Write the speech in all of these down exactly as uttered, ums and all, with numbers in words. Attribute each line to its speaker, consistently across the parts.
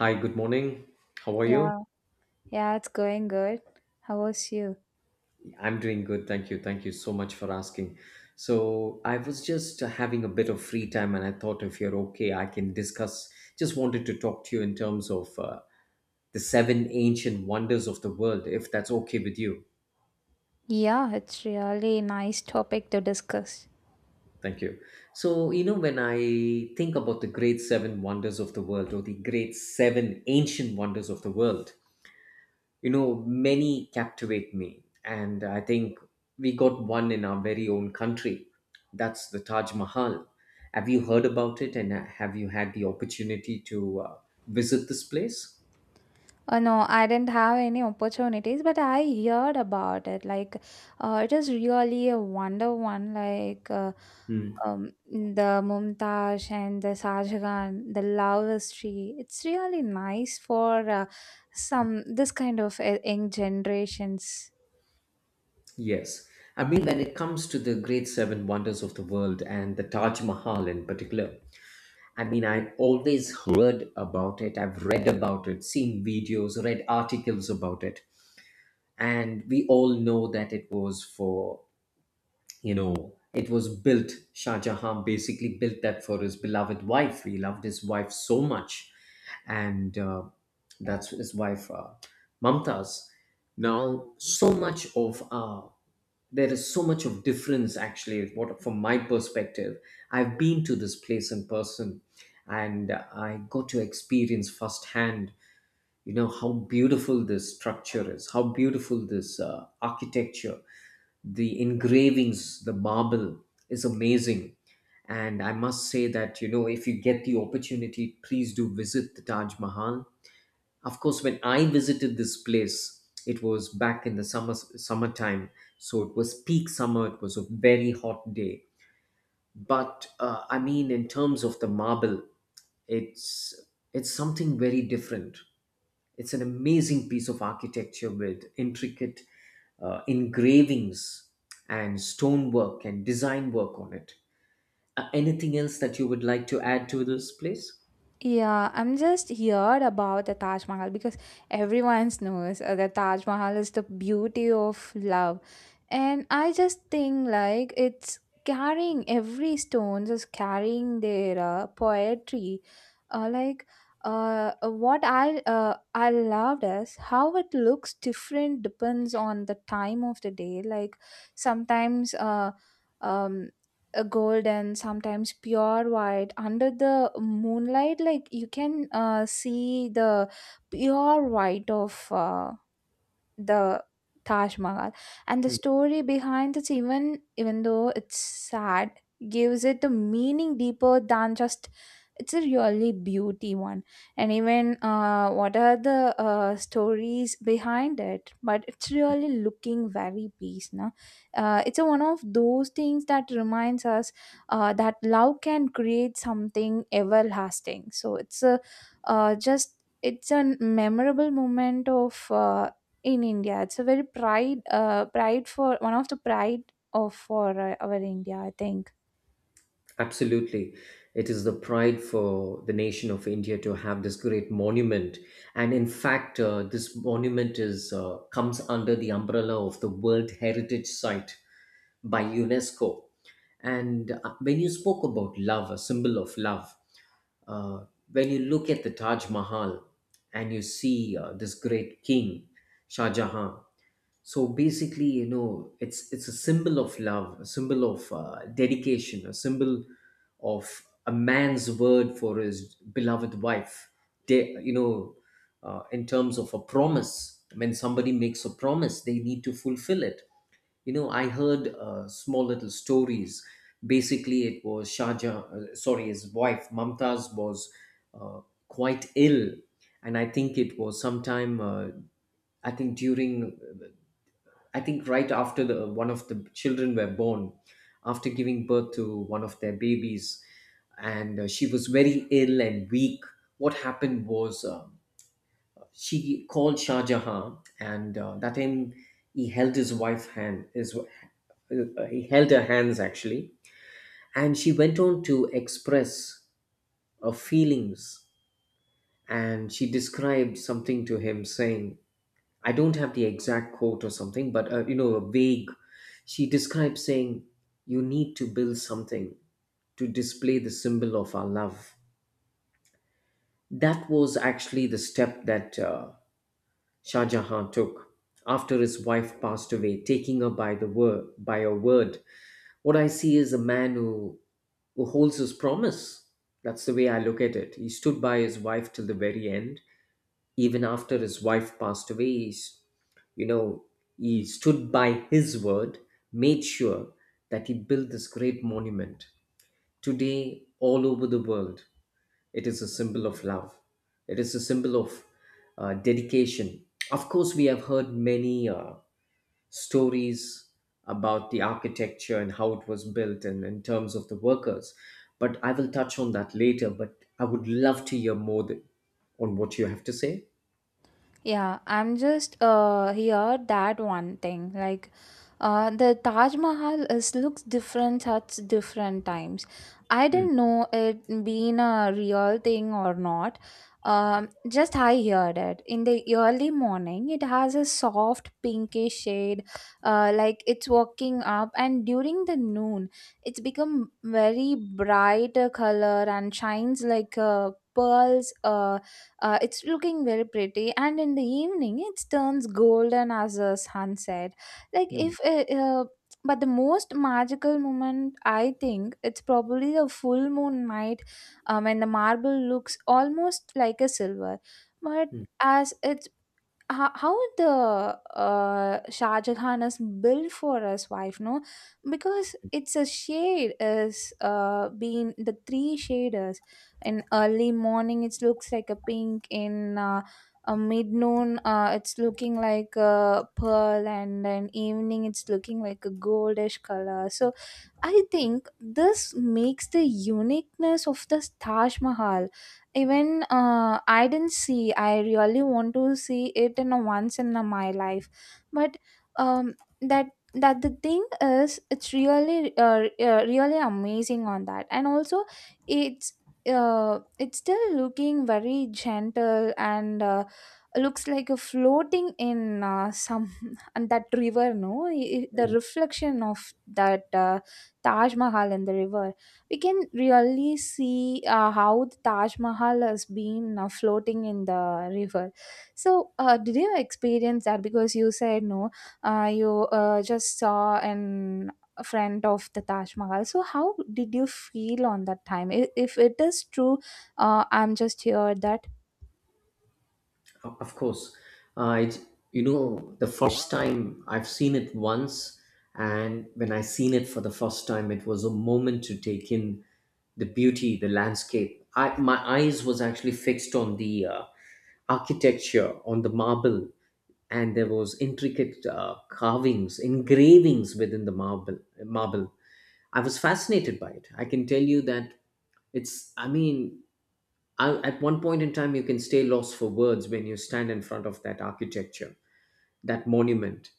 Speaker 1: Hi, good morning. How are you?
Speaker 2: Yeah, yeah, it's going good. How was you?
Speaker 1: I'm doing good. Thank you. Thank you so much for asking. So, I was just uh, having a bit of free time and I thought if you're okay, I can discuss. Just wanted to talk to you in terms of uh, the seven ancient wonders of the world, if that's okay with you.
Speaker 2: Yeah, it's really nice topic to discuss.
Speaker 1: Thank you. So, you know, when I think about the great seven wonders of the world or the great seven ancient wonders of the world, you know, many captivate me, and I think we got one in our very own country. That's the Taj Mahal. Have you heard about it? And uh, have you had the opportunity to uh, visit this place?
Speaker 2: Uh, no, I didn't have any opportunities, but I heard about it. Like, uh, it is really a wonder one. Like, uh,
Speaker 1: Hmm.
Speaker 2: um, the Mumtaz and the Sajgan, the love history. It's really nice for uh, some this kind of uh, young generations.
Speaker 1: Yes. I mean, when it comes to the great seven wonders of the world and the Taj Mahal in particular, I mean, I've always heard about it, I've read about it, seen videos, read articles about it. And we all know that it was for, you know, it was built, Shah Jahan basically built that for his beloved wife. He loved his wife so much. And uh, that's his wife, uh, Mumtaz. Now, so much of uh, there is so much of difference actually, what from my perspective, I've been to this place in person, and I got to experience firsthand, you know, how beautiful this structure is, how beautiful this uh, architecture, the engravings, the marble is amazing. And I must say that, you know, if you get the opportunity, please do visit the Taj Mahal. Of course, when I visited this place, it was back in the summer, summertime. So it was peak summer, it was a very hot day. But uh, I mean, in terms of the marble, it's it's something very different. It's an amazing piece of architecture with intricate uh, engravings and stonework and design work on it. Uh, anything else that you would like to add to this place?
Speaker 2: Yeah, I'm just here about the Taj Mahal because everyone knows uh, the Taj Mahal is the beauty of love. And I just think like it's carrying every stones is carrying their uh, poetry. Uh, like uh, what I uh, I loved is how it looks different depends on the time of the day. Like sometimes uh, um a gold and sometimes pure white under the moonlight like you can uh, see the pure white of uh, the Taj Mahal. And the
Speaker 1: Hmm.
Speaker 2: story behind it, even even though it's sad, gives it a meaning deeper than just it's a really beauty one. And even uh, what are the uh, stories behind it? But it's really looking very peace. No, uh, it's a, one of those things that reminds us uh, that love can create something everlasting. So it's a uh, just it's a memorable moment of uh, in India. It's a very pride, uh, pride for one of the pride of for uh, our India, I think.
Speaker 1: Absolutely. It is the pride for the nation of India to have this great monument. And in fact, uh, this monument is uh, comes under the umbrella of the World Heritage Site by UNESCO. And uh, when you spoke about love, a symbol of love, uh, when you look at the Taj Mahal and you see uh, this great king, Shah Jahan, so basically, you know, it's it's a symbol of love, a symbol of uh, dedication, a symbol of a man's word for his beloved wife. They, you know, uh, in terms of a promise, when somebody makes a promise, they need to fulfill it. You know, I heard uh, small little stories. Basically, it was Shahjahan, uh, sorry, his wife Mumtaz was uh, quite ill. And I think it was sometime uh, I think during, I think, right after the one of the children were born, after giving birth to one of their babies, and uh, she was very ill and weak. What happened was, um she called Shah Jahan, and uh, that time he held his wife's hand. His, uh, he held her hands actually, and she went on to express her feelings, and she described something to him, saying, I don't have the exact quote or something, but uh, you know, a vague. She describes saying, "You need to build something to display the symbol of our love." That was actually the step that uh, Shah Jahan took after his wife passed away, taking her by the word, by her word. What I see is a man who who holds his promise. That's the way I look at it. He stood by his wife till the very end. Even after his wife passed away, he's, you know, he stood by his word, made sure that he built this great monument. Today, all over the world, it is a symbol of love. It is a symbol of uh, dedication. Of course, we have heard many uh, stories about the architecture and how it was built and in terms of the workers, but I will touch on that later. But I would love to hear more th- on what you have to say.
Speaker 2: Yeah, I'm just uh here that one thing like uh the Taj Mahal is looks different at different times. I
Speaker 1: Hmm.
Speaker 2: didn't know it being a real thing or not. Um, just I heard it in the early morning. It has a soft pinkish shade, uh, like it's walking up, and during the noon, it's become very bright uh, color and shines like uh, pearls, uh, uh, It's looking very pretty, and in the evening, it turns golden as a sunset. Like
Speaker 1: Hmm.
Speaker 2: if, uh, uh, but the most magical moment, I think, it's probably a full moon night, um, when the marble looks almost like a silver. But
Speaker 1: Mm,
Speaker 2: as it, how, how the uh, Shah Jahan is built for his wife, no? Because it's a shade is uh being the three shaders. In early morning, it looks like a pink. In uh, a mid noon, uh, it's looking like a pearl, and in evening, it's looking like a goldish color. So I think this makes the uniqueness of the Taj Mahal. Even uh, I didn't see. I really want to see it in a once in a my life. But um, that that the thing is, it's really uh, uh, really amazing on that, and also it's uh, it's still looking very gentle and uh, looks like a floating in uh, some and that river. No, I- I- the
Speaker 1: mm.
Speaker 2: reflection of that. Uh, Taj Mahal in the river, we can really see uh, how the Taj Mahal has been uh, floating in the river. So, uh, did you experience that? Because you said no, uh, you uh, just saw an a friend of the Taj Mahal. So, how did you feel on that time? I- If it is true, uh, I'm just here that.
Speaker 1: O- Of course, uh, it, you know, the first time I've seen it once, and when I seen it for the first time, it was a moment to take in the beauty, the landscape. I My eyes was actually fixed on the uh, architecture, on the marble, and there was intricate uh, carvings, engravings within the marble. Marble. I was fascinated by it. I can tell you that it's. I mean, I, at one point in time, you can stay lost for words when you stand in front of that architecture, that monument.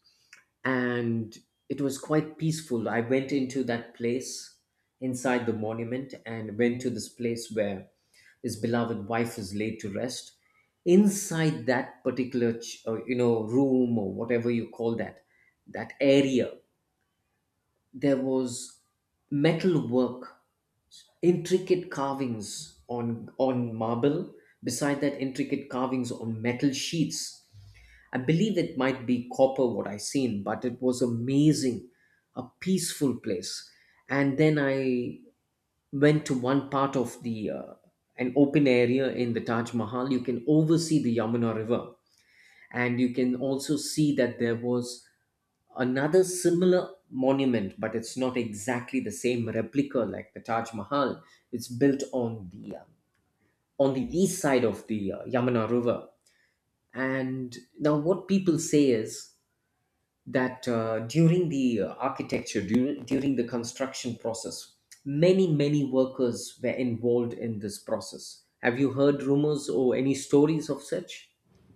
Speaker 1: And it was quite peaceful. I went into that place inside the monument and went to this place where his beloved wife is laid to rest. Inside that particular, ch- uh, you know, room or whatever you call that, that area, there was metal work, intricate carvings on on marble. Beside that, intricate carvings on metal sheets. I believe it might be copper what I seen, but it was amazing, a peaceful place. And then I went to one part of the uh, an open area in the Taj Mahal. You can oversee the Yamuna River, and you can also see that there was another similar monument, but it's not exactly the same replica like the Taj Mahal. It's built on the uh, on the east side of the uh, Yamuna River. And now what people say is that uh, during the uh, architecture during, during the construction process, many many workers were involved in this process. Have you heard rumors or any stories of such?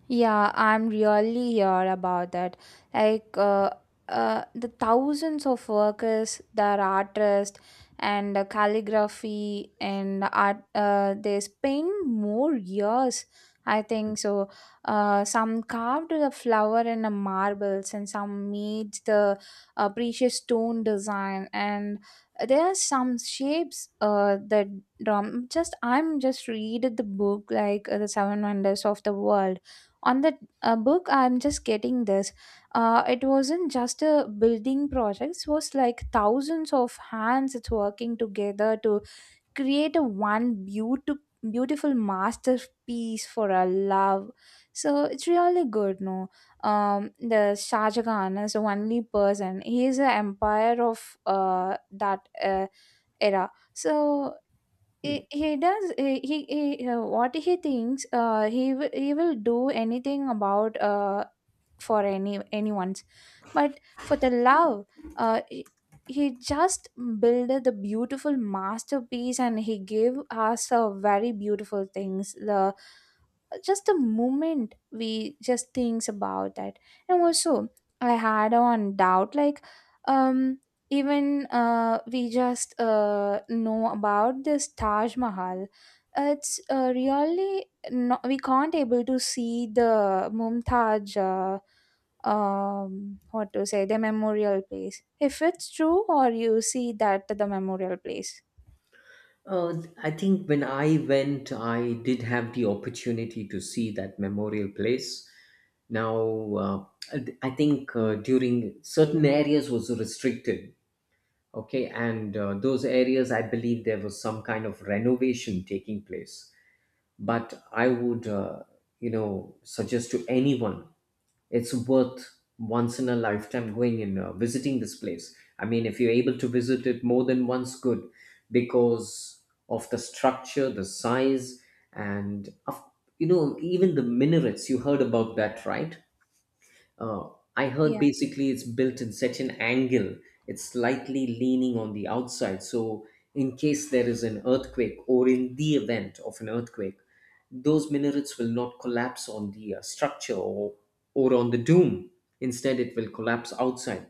Speaker 2: Yeah, I'm really here about that. Like uh, uh, the thousands of workers, that artists, and uh, calligraphy and art. Uh, they spend more years, I think. So, uh, some carved the flower in the marbles, and some made the uh, precious stone design. And there are some shapes uh, that drum. Just I'm just read the book like uh, the Seven Wonders of the World on the uh, book. I'm just getting this. Uh, it wasn't just a building project. It was like thousands of hands it's working together to create a one beautiful beautiful masterpiece for our love. So it's really good, no. Um the Shah Jahan is the only person. He is an empire of uh that uh, era. So, he, he does he, he, he uh, what he thinks, uh, he w- he will do anything about uh, for any anyone's, but for the love, uh, he, he just built the beautiful masterpiece and he gave us a very beautiful things, the just the moment we just thinks about that. And also I had one doubt like, um even uh, we just uh, know about this Taj Mahal. It's uh, really not, we can't able to see the Mumtaj. Uh, um, what to say? The memorial place. If it's true, or you see that the memorial place.
Speaker 1: Uh, I think when I went, I did have the opportunity to see that memorial place. Now, uh, I think uh, during certain areas was restricted. Okay, and uh, those areas, I believe there was some kind of renovation taking place. But I would, uh, you know, suggest to anyone, it's worth once in a lifetime going and uh, visiting this place. I mean, if you're able to visit it more than once, good, because of the structure, the size, and of, you know, even the minarets. You heard about that, right? Uh, I heard
Speaker 2: Yeah.
Speaker 1: basically it's built in such an angle, it's slightly leaning on the outside. So, in case there is an earthquake or in the event of an earthquake, those minarets will not collapse on the uh, structure, or, or on the dome. Instead, it will collapse outside.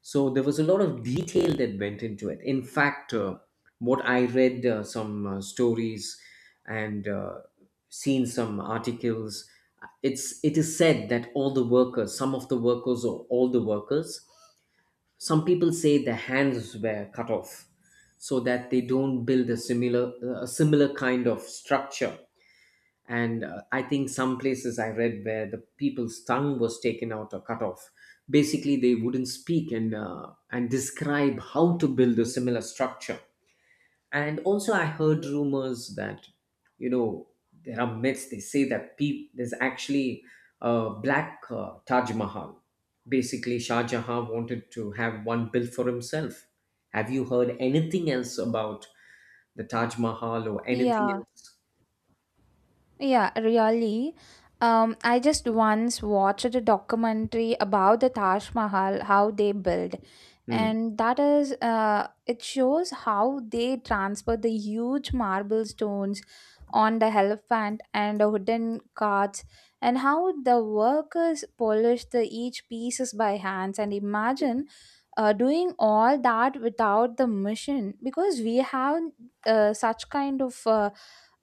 Speaker 1: So there was a lot of detail that went into it. In fact, uh, what I read, uh, some uh, stories, and uh, seen some articles, it's it is said that all the workers, some of the workers or all the workers, some people say their hands were cut off so that they don't build a similar a similar kind of structure. And uh, I think some places I read where the people's tongue was taken out or cut off, basically they wouldn't speak and uh, and describe how to build a similar structure. And also I heard rumors that, you know, there are myths. They say that peop there's actually a black uh, Taj Mahal. Basically, Shah Jahan wanted to have one built for himself. Have you heard anything else about the Taj Mahal or anything
Speaker 2: Yeah.
Speaker 1: else?
Speaker 2: Yeah, really. Um, I just once watched a documentary about the Taj Mahal, how they build,
Speaker 1: Hmm,
Speaker 2: and that is, uh, it shows how they transfer the huge marble stones on the elephant and the wooden carts, and how the workers polish the each pieces by hands. And imagine uh, doing all that without the machine, because we have uh, such kind of. Uh,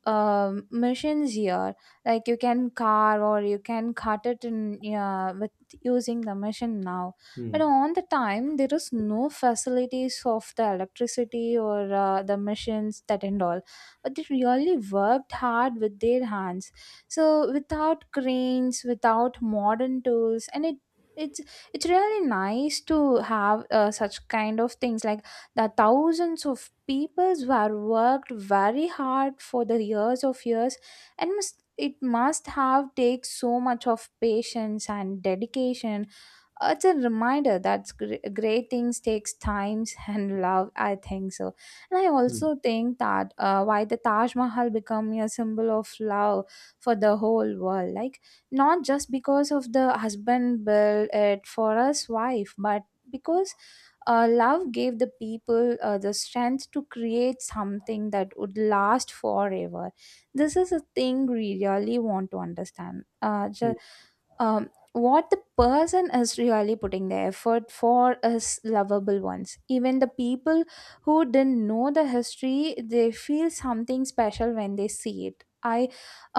Speaker 2: um, Machines here. Like you can carve or you can cut it in, yeah, with using the machine now.
Speaker 1: hmm,
Speaker 2: But on the time, there is no facilities of the electricity or uh, the machines that and all. But they really worked hard with their hands. So without cranes, without modern tools, and it it's it's really nice to have uh, such kind of things like the thousands of peoples were worked very hard for the years of years, and must, it must have take so much of patience and dedication. It's a reminder that gr- great things takes times and love, I think so. And I
Speaker 1: hmm,
Speaker 2: also think that uh, why the Taj Mahal become a symbol of love for the whole world, like not just because of the husband built it for his wife, but because uh, love gave the people uh, the strength to create something that would last forever. This is a thing we really want to understand. uh,
Speaker 1: hmm.
Speaker 2: ju- um, what the person is really putting the effort for is lovable ones. Even the people who didn't know the history, they feel something special when they see it. I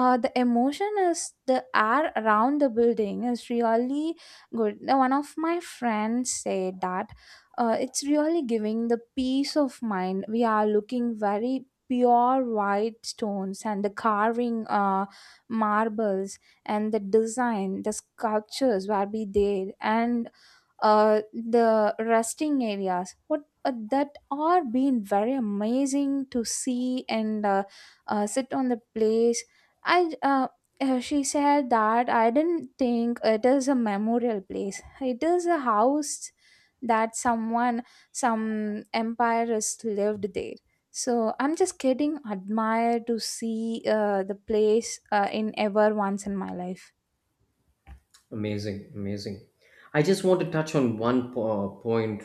Speaker 2: uh, The emotion is the air around the building is really good. Now, one of my friends said that uh, it's really giving the peace of mind. We are looking very pure white stones and the carving uh, marbles, and the design, the sculptures will be there, and uh, the resting areas what uh, that are being very amazing to see, and uh, uh, sit on the place. I uh, uh, She said that I didn't think it is a memorial place, it is a house that someone some empires lived there. So I'm just kidding. Admire to see uh, the place uh, in ever once in my life.
Speaker 1: Amazing, amazing. I just want to touch on one po- uh, point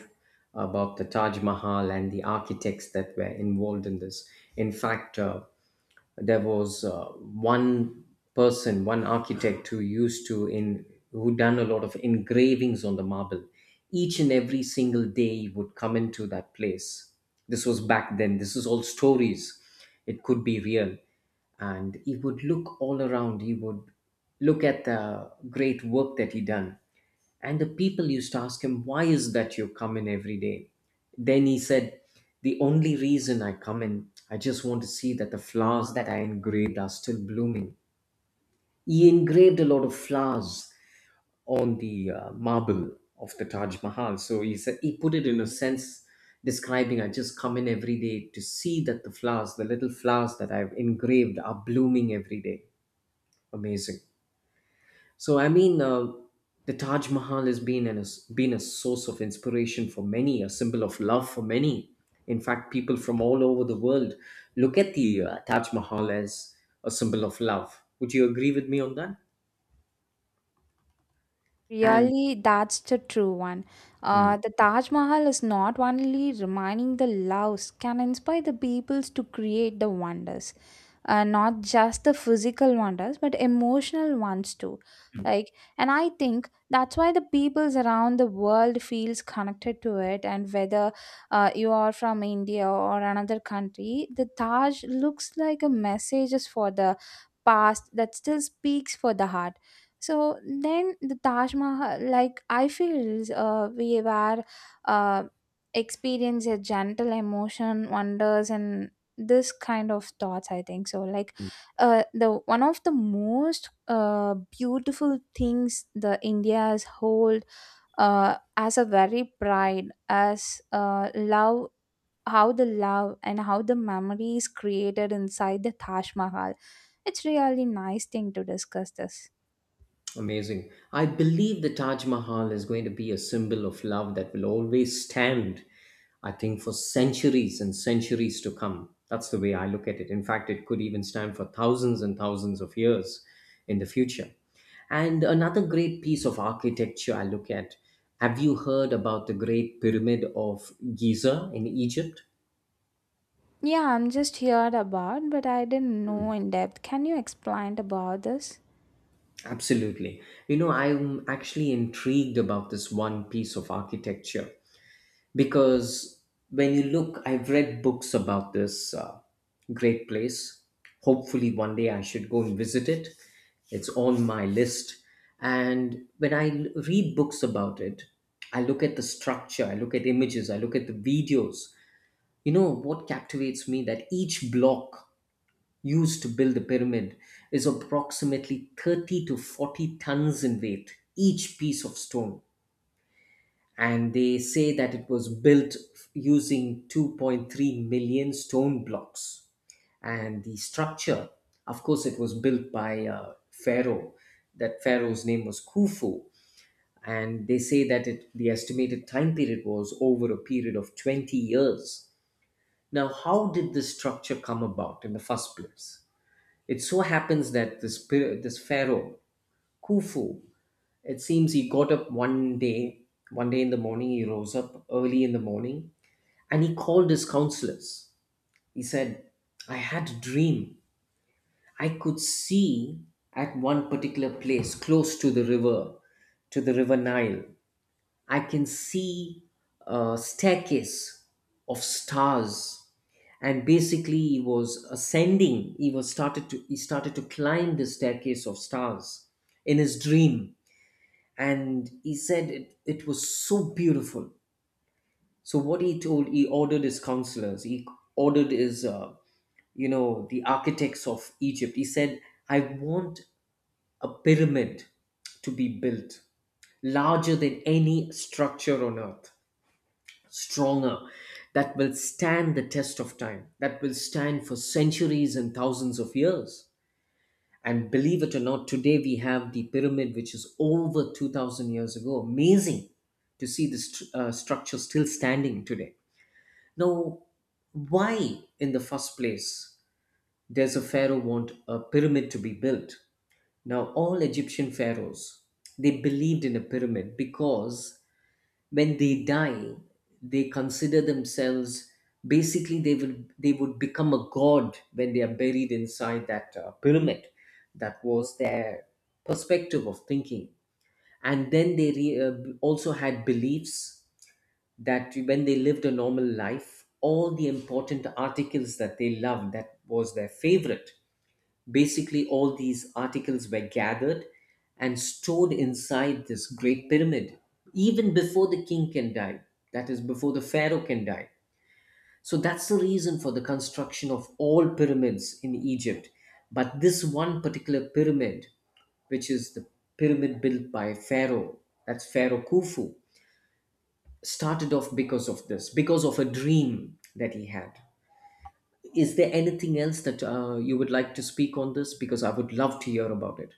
Speaker 1: about the Taj Mahal and the architects that were involved in this. In fact, uh, there was uh, one person, one architect who used to in who done a lot of engravings on the marble. Each and every single day he would come into that place. This was back then. This is all stories. It could be real. And he would look all around. He would look at the great work that he done, and the people used to ask him, "Why is that you come in every day?" Then he said, "The only reason I come in, I just want to see that the flowers that I engraved are still blooming." He engraved a lot of flowers on the uh, marble of the Taj Mahal. So he said, he put it in a sense, describing, "I just come in every day to see that the flowers, the little flowers that I've engraved, are blooming every day." Amazing. So I mean, uh, the Taj Mahal has been an, been a source of inspiration for many, a symbol of love for many. In fact, people from all over the world look at the uh, Taj Mahal as a symbol of love. Would you agree with me on that? And
Speaker 2: Really, that's the true one.
Speaker 1: hmm.
Speaker 2: Uh, the Taj Mahal is not only reminding the loves, can inspire the peoples to create the wonders, uh, not just the physical wonders but emotional ones too. Like, and I think that's why the peoples around the world feels connected to it, and whether uh, you are from India or another country, the Taj looks like a message is for the past that still speaks for the heart. So then the Taj Mahal, like I feel uh, we were uh, experience a gentle emotion wonders and this kind of thoughts, I think so. Like uh the one of the most uh beautiful things the India's hold uh as a very pride as uh love, how the love and how the memory is created inside the Taj Mahal. It's really nice thing to discuss this.
Speaker 1: Amazing. I believe the Taj Mahal is going to be a symbol of love that will always stand, I think, for centuries and centuries to come. That's the way I look at it. In fact, it could even stand for thousands and thousands of years in the future. And another great piece of architecture I look at. Have you heard about the Great Pyramid of Giza in Egypt?
Speaker 2: Yeah, I'm just heard about, but I didn't know in depth. Can you explain about this?
Speaker 1: Absolutely. You know, I'm actually intrigued about this one piece of architecture because when you look, I've read books about this uh, great place. Hopefully one day I should go and visit it. It's on my list. And when i l- read books about it, I look at the structure, I look at images, I look at the videos. You know what captivates me, that each block used to build the pyramid is approximately thirty to forty tons in weight, each piece of stone. And they say that it was built f- using two point three million stone blocks. And the structure, of course, it was built by uh, pharaoh. That pharaoh's name was Khufu. And they say that it, the estimated time period was over a period of twenty years. Now, how did this structure come about in the first place? It so happens that this pir- this Pharaoh Khufu, it seems he got up one day. One day in the morning, he rose up early in the morning, and he called his counselors. He said, I had a dream. I could see at one particular place close to the river, to the river Nile, I can see a staircase of stars. And basically he was ascending. He was started to he started to climb the staircase of stars in his dream. And he said it, it was so beautiful. So what he told, he ordered his counselors, he ordered his uh, you know the architects of Egypt. He said, I want a pyramid to be built, larger than any structure on earth, stronger, that will stand the test of time, that will stand for centuries and thousands of years. And believe it or not, today we have the pyramid which is over two thousand years ago. Amazing to see this stru- uh, structure still standing today. Now, why in the first place there's a pharaoh want a pyramid to be built? Now, all Egyptian pharaohs, they believed in a pyramid because when they die, they consider themselves basically they will they would become a god when they are buried inside that uh, pyramid. That was their perspective of thinking, and then they re, uh, also had beliefs that when they lived a normal life, all the important articles that they loved, that was their favorite. Basically, all these articles were gathered and stored inside this great pyramid, even before the king can die. That is, before the pharaoh can die. So that's the reason for the construction of all pyramids in Egypt. But this one particular pyramid, which is the pyramid built by Pharaoh, that's Pharaoh Khufu, started off because of this, because of a dream that he had. Is there anything else that uh, you would like to speak on this? Because I would love to hear about it.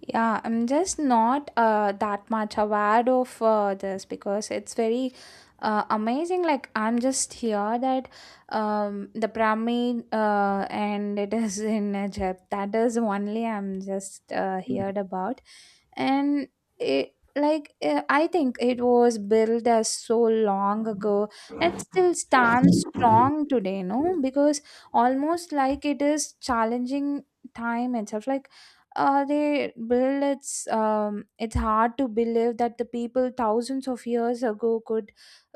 Speaker 2: Yeah, I'm just not uh, that much aware of uh, this, because it's very uh, amazing. Like I'm just here that, um, the pyramid uh, and it is in Egypt. That is only I'm just uh, heard about. And it like eh, I think it was built as so long ago, it still stands strong today, no? Because almost like it is challenging time itself. Like uh, they build it's um it's hard to believe that the people thousands of years ago could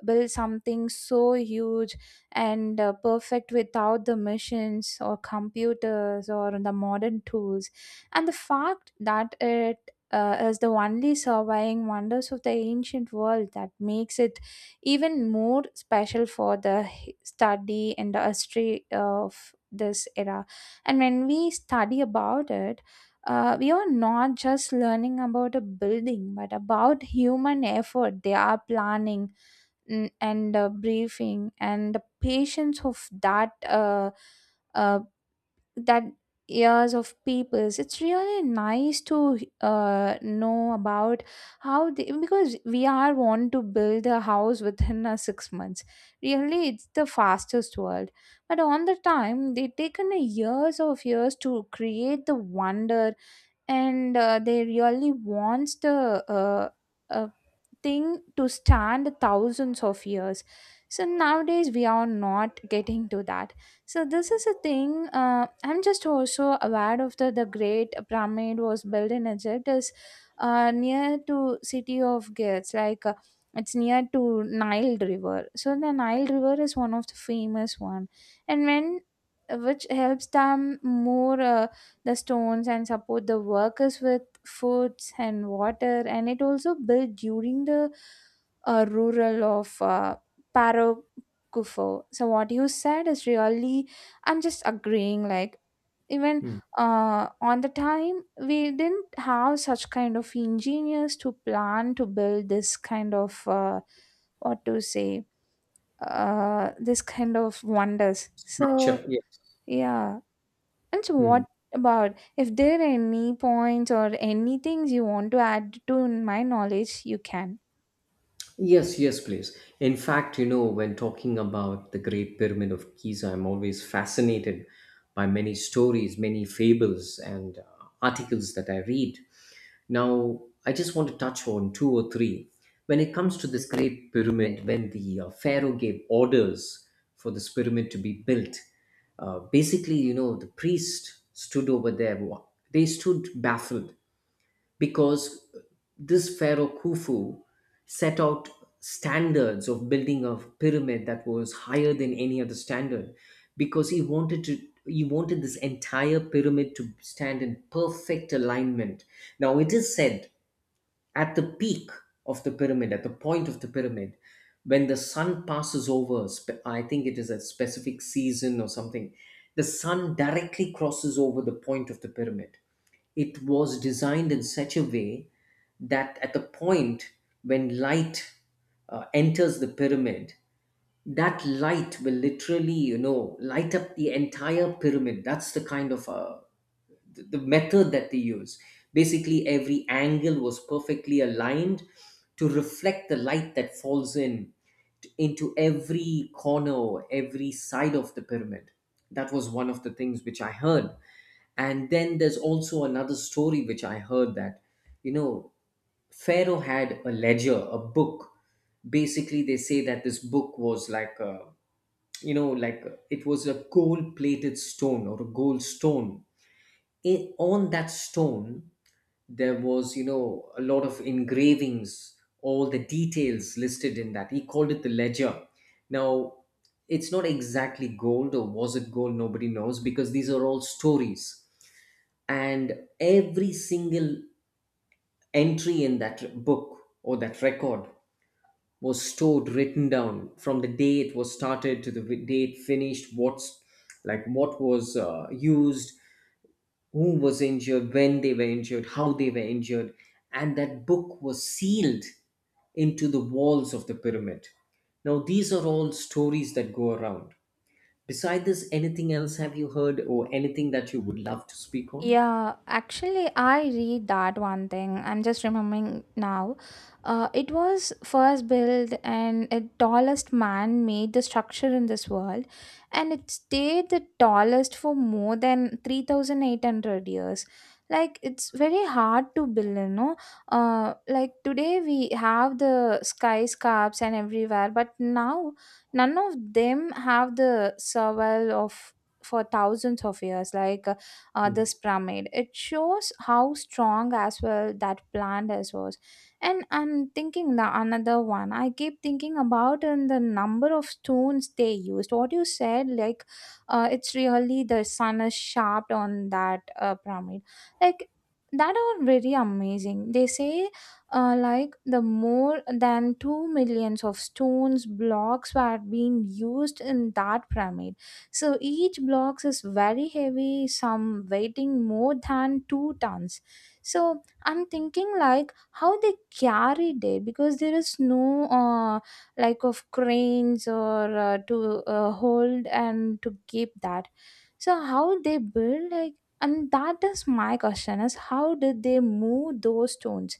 Speaker 2: build something so huge and uh, perfect without the machines or computers or the modern tools. And the fact that it uh, as the only surviving wonders of the ancient world, that makes it even more special for the hi- study and the history of this era. And when we study about it, uh, we are not just learning about a building, but about human effort. They are planning, mm, and uh, briefing and the patience of that uh, uh, that years of peoples. It's really nice to uh, know about how they, because we are want to build a house within a six months. Really, it's the fastest world, but on the time they taken a years of years to create the wonder. And uh, they really wants the uh, uh, thing to stand thousands of years, so nowadays we are not getting to that. So this is a thing. uh, I'm just also aware of the the great pyramid was built in Egypt, is uh, near to city of gates, like uh, it's near to Nile river. So the Nile river is one of the famous one, and when, which helps them more, uh, the stones and support the workers with foods and water. And it also built during the uh, rural of uh, Parokufo. So what you said is really, I'm just agreeing, like, even
Speaker 1: Mm.
Speaker 2: uh, on the time we didn't have such kind of engineers to plan to build this kind of, uh, what to say, uh, this kind of wonders. So
Speaker 1: Structure, yes.
Speaker 2: yeah. And so what about, if there are any points or any things you want to add to my knowledge, you can.
Speaker 1: Yes, yes, please. In fact, you know, when talking about the Great Pyramid of Giza, I'm always fascinated by many stories, many fables, and uh, articles that I read. Now, I just want to touch on two or three. When it comes to this Great Pyramid, when the uh, Pharaoh gave orders for this pyramid to be built, uh, basically, you know, the priest stood over there. wa- They stood baffled because this Pharaoh Khufu set out standards of building a pyramid that was higher than any other standard because he wanted to he wanted this entire pyramid to stand in perfect alignment. Now it is said, at the peak of the pyramid, at the point of the pyramid, when the sun passes over, spe- I think it is a specific season or something, the sun directly crosses over the point of the pyramid. It was designed in such a way that at the point when light uh, enters the pyramid, that light will literally, you know, light up the entire pyramid. That's the kind of uh, th- the method that they use. Basically, every angle was perfectly aligned to reflect the light that falls in t- into every corner, every side of the pyramid. That was one of the things which I heard. And then there's also another story which I heard that, you know, Pharaoh had a ledger, a book. Basically, they say that this book was like a, you know, like a- it was a gold plated stone or a gold stone. In, on that stone, there was you know a lot of engravings, all the details listed in that, he called it the ledger. Now, it's not exactly gold, or was it gold, nobody knows, because these are all stories. And every single entry in that book or that record was stored, written down, from the day it was started to the day it finished, what's like what was uh, used, who was injured, when they were injured, how they were injured. And that book was sealed into the walls of the pyramid. Now, these are all stories that go around. Beside this, anything else have you heard or anything that you would love to speak on?
Speaker 2: Yeah, actually, I read that one thing, I'm just remembering now. Uh, it was first built and a tallest man made the structure in this world, and it stayed the tallest for more than three thousand eight hundred years. Like, it's very hard to build, you know. Uh, like, today we have the skyscrapers and everywhere, but now none of them have the survival of for thousands of years. Like, uh, uh, this
Speaker 1: Hmm.
Speaker 2: pyramid. It shows how strong as well that plant as was. And I'm thinking the another one I keep thinking about, and the number of stones they used. What you said, like, uh, it's really the sun is sharp on that uh, pyramid. Like, that are very amazing. They say, uh, like the more than two million of stones blocks were being used in that pyramid. So each blocks is very heavy, some weighing more than two tons. So I'm thinking like how they carried it, because there is no, uh, like, of cranes or uh, to uh, hold and to keep that. So how they build, like, and that is my question, is how did they move those stones?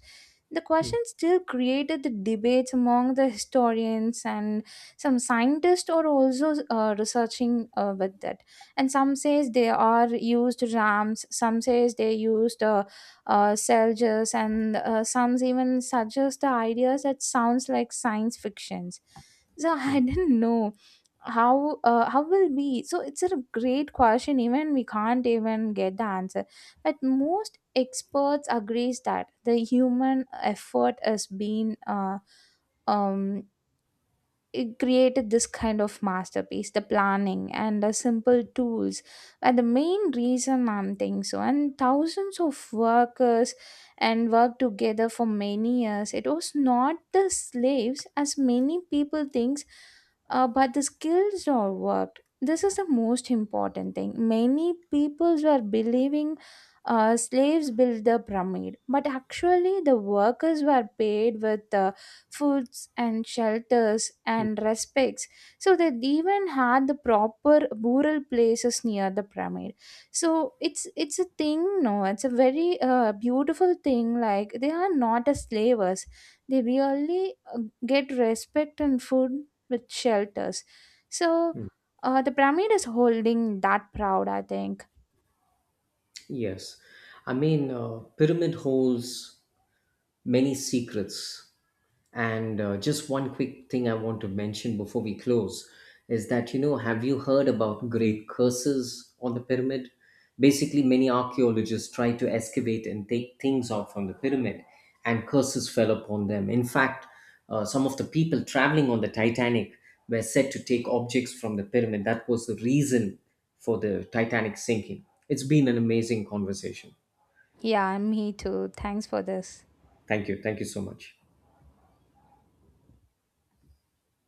Speaker 2: The
Speaker 1: Hmm.
Speaker 2: question still created the debates among the historians, and some scientists are also uh, researching uh, with that. And some says they are used rams, some says they used uh, uh, soldiers, and uh, some even suggest the ideas that sounds like science fictions. So I didn't know how, uh, how will be. So it's a great question, even we can't even get the answer. But most experts agrees that the human effort is being, uh, um it created this kind of masterpiece. The planning and the simple tools are the main reason, I'm thinking so. And thousands of workers and worked together for many years. It was not the slaves as many people thinks, uh, but the skills are worked. This is the most important thing. Many peoples were believing uh, slaves built the pyramid, but actually the workers were paid with uh, foods and shelters
Speaker 1: Hmm.
Speaker 2: and respects. So they even had the proper burial places near the pyramid. So it's it's a thing, no, it's a very uh, beautiful thing. Like, they are not as slavers, they really uh, get respect and food with shelters. So
Speaker 1: Hmm.
Speaker 2: uh, the pyramid is holding that proud, I think.
Speaker 1: Yes. I mean, uh, pyramid holes, many secrets. And uh, just one quick thing I want to mention before we close is that, you know, have you heard about great curses on the pyramid? Basically, many archaeologists tried to excavate and take things out from the pyramid, and curses fell upon them. In fact, uh, some of the people traveling on the Titanic were said to take objects from the pyramid. That was the reason for the Titanic sinking. It's been an amazing conversation.
Speaker 2: Yeah, me too, thanks for this.
Speaker 1: Thank you. Thank you so much.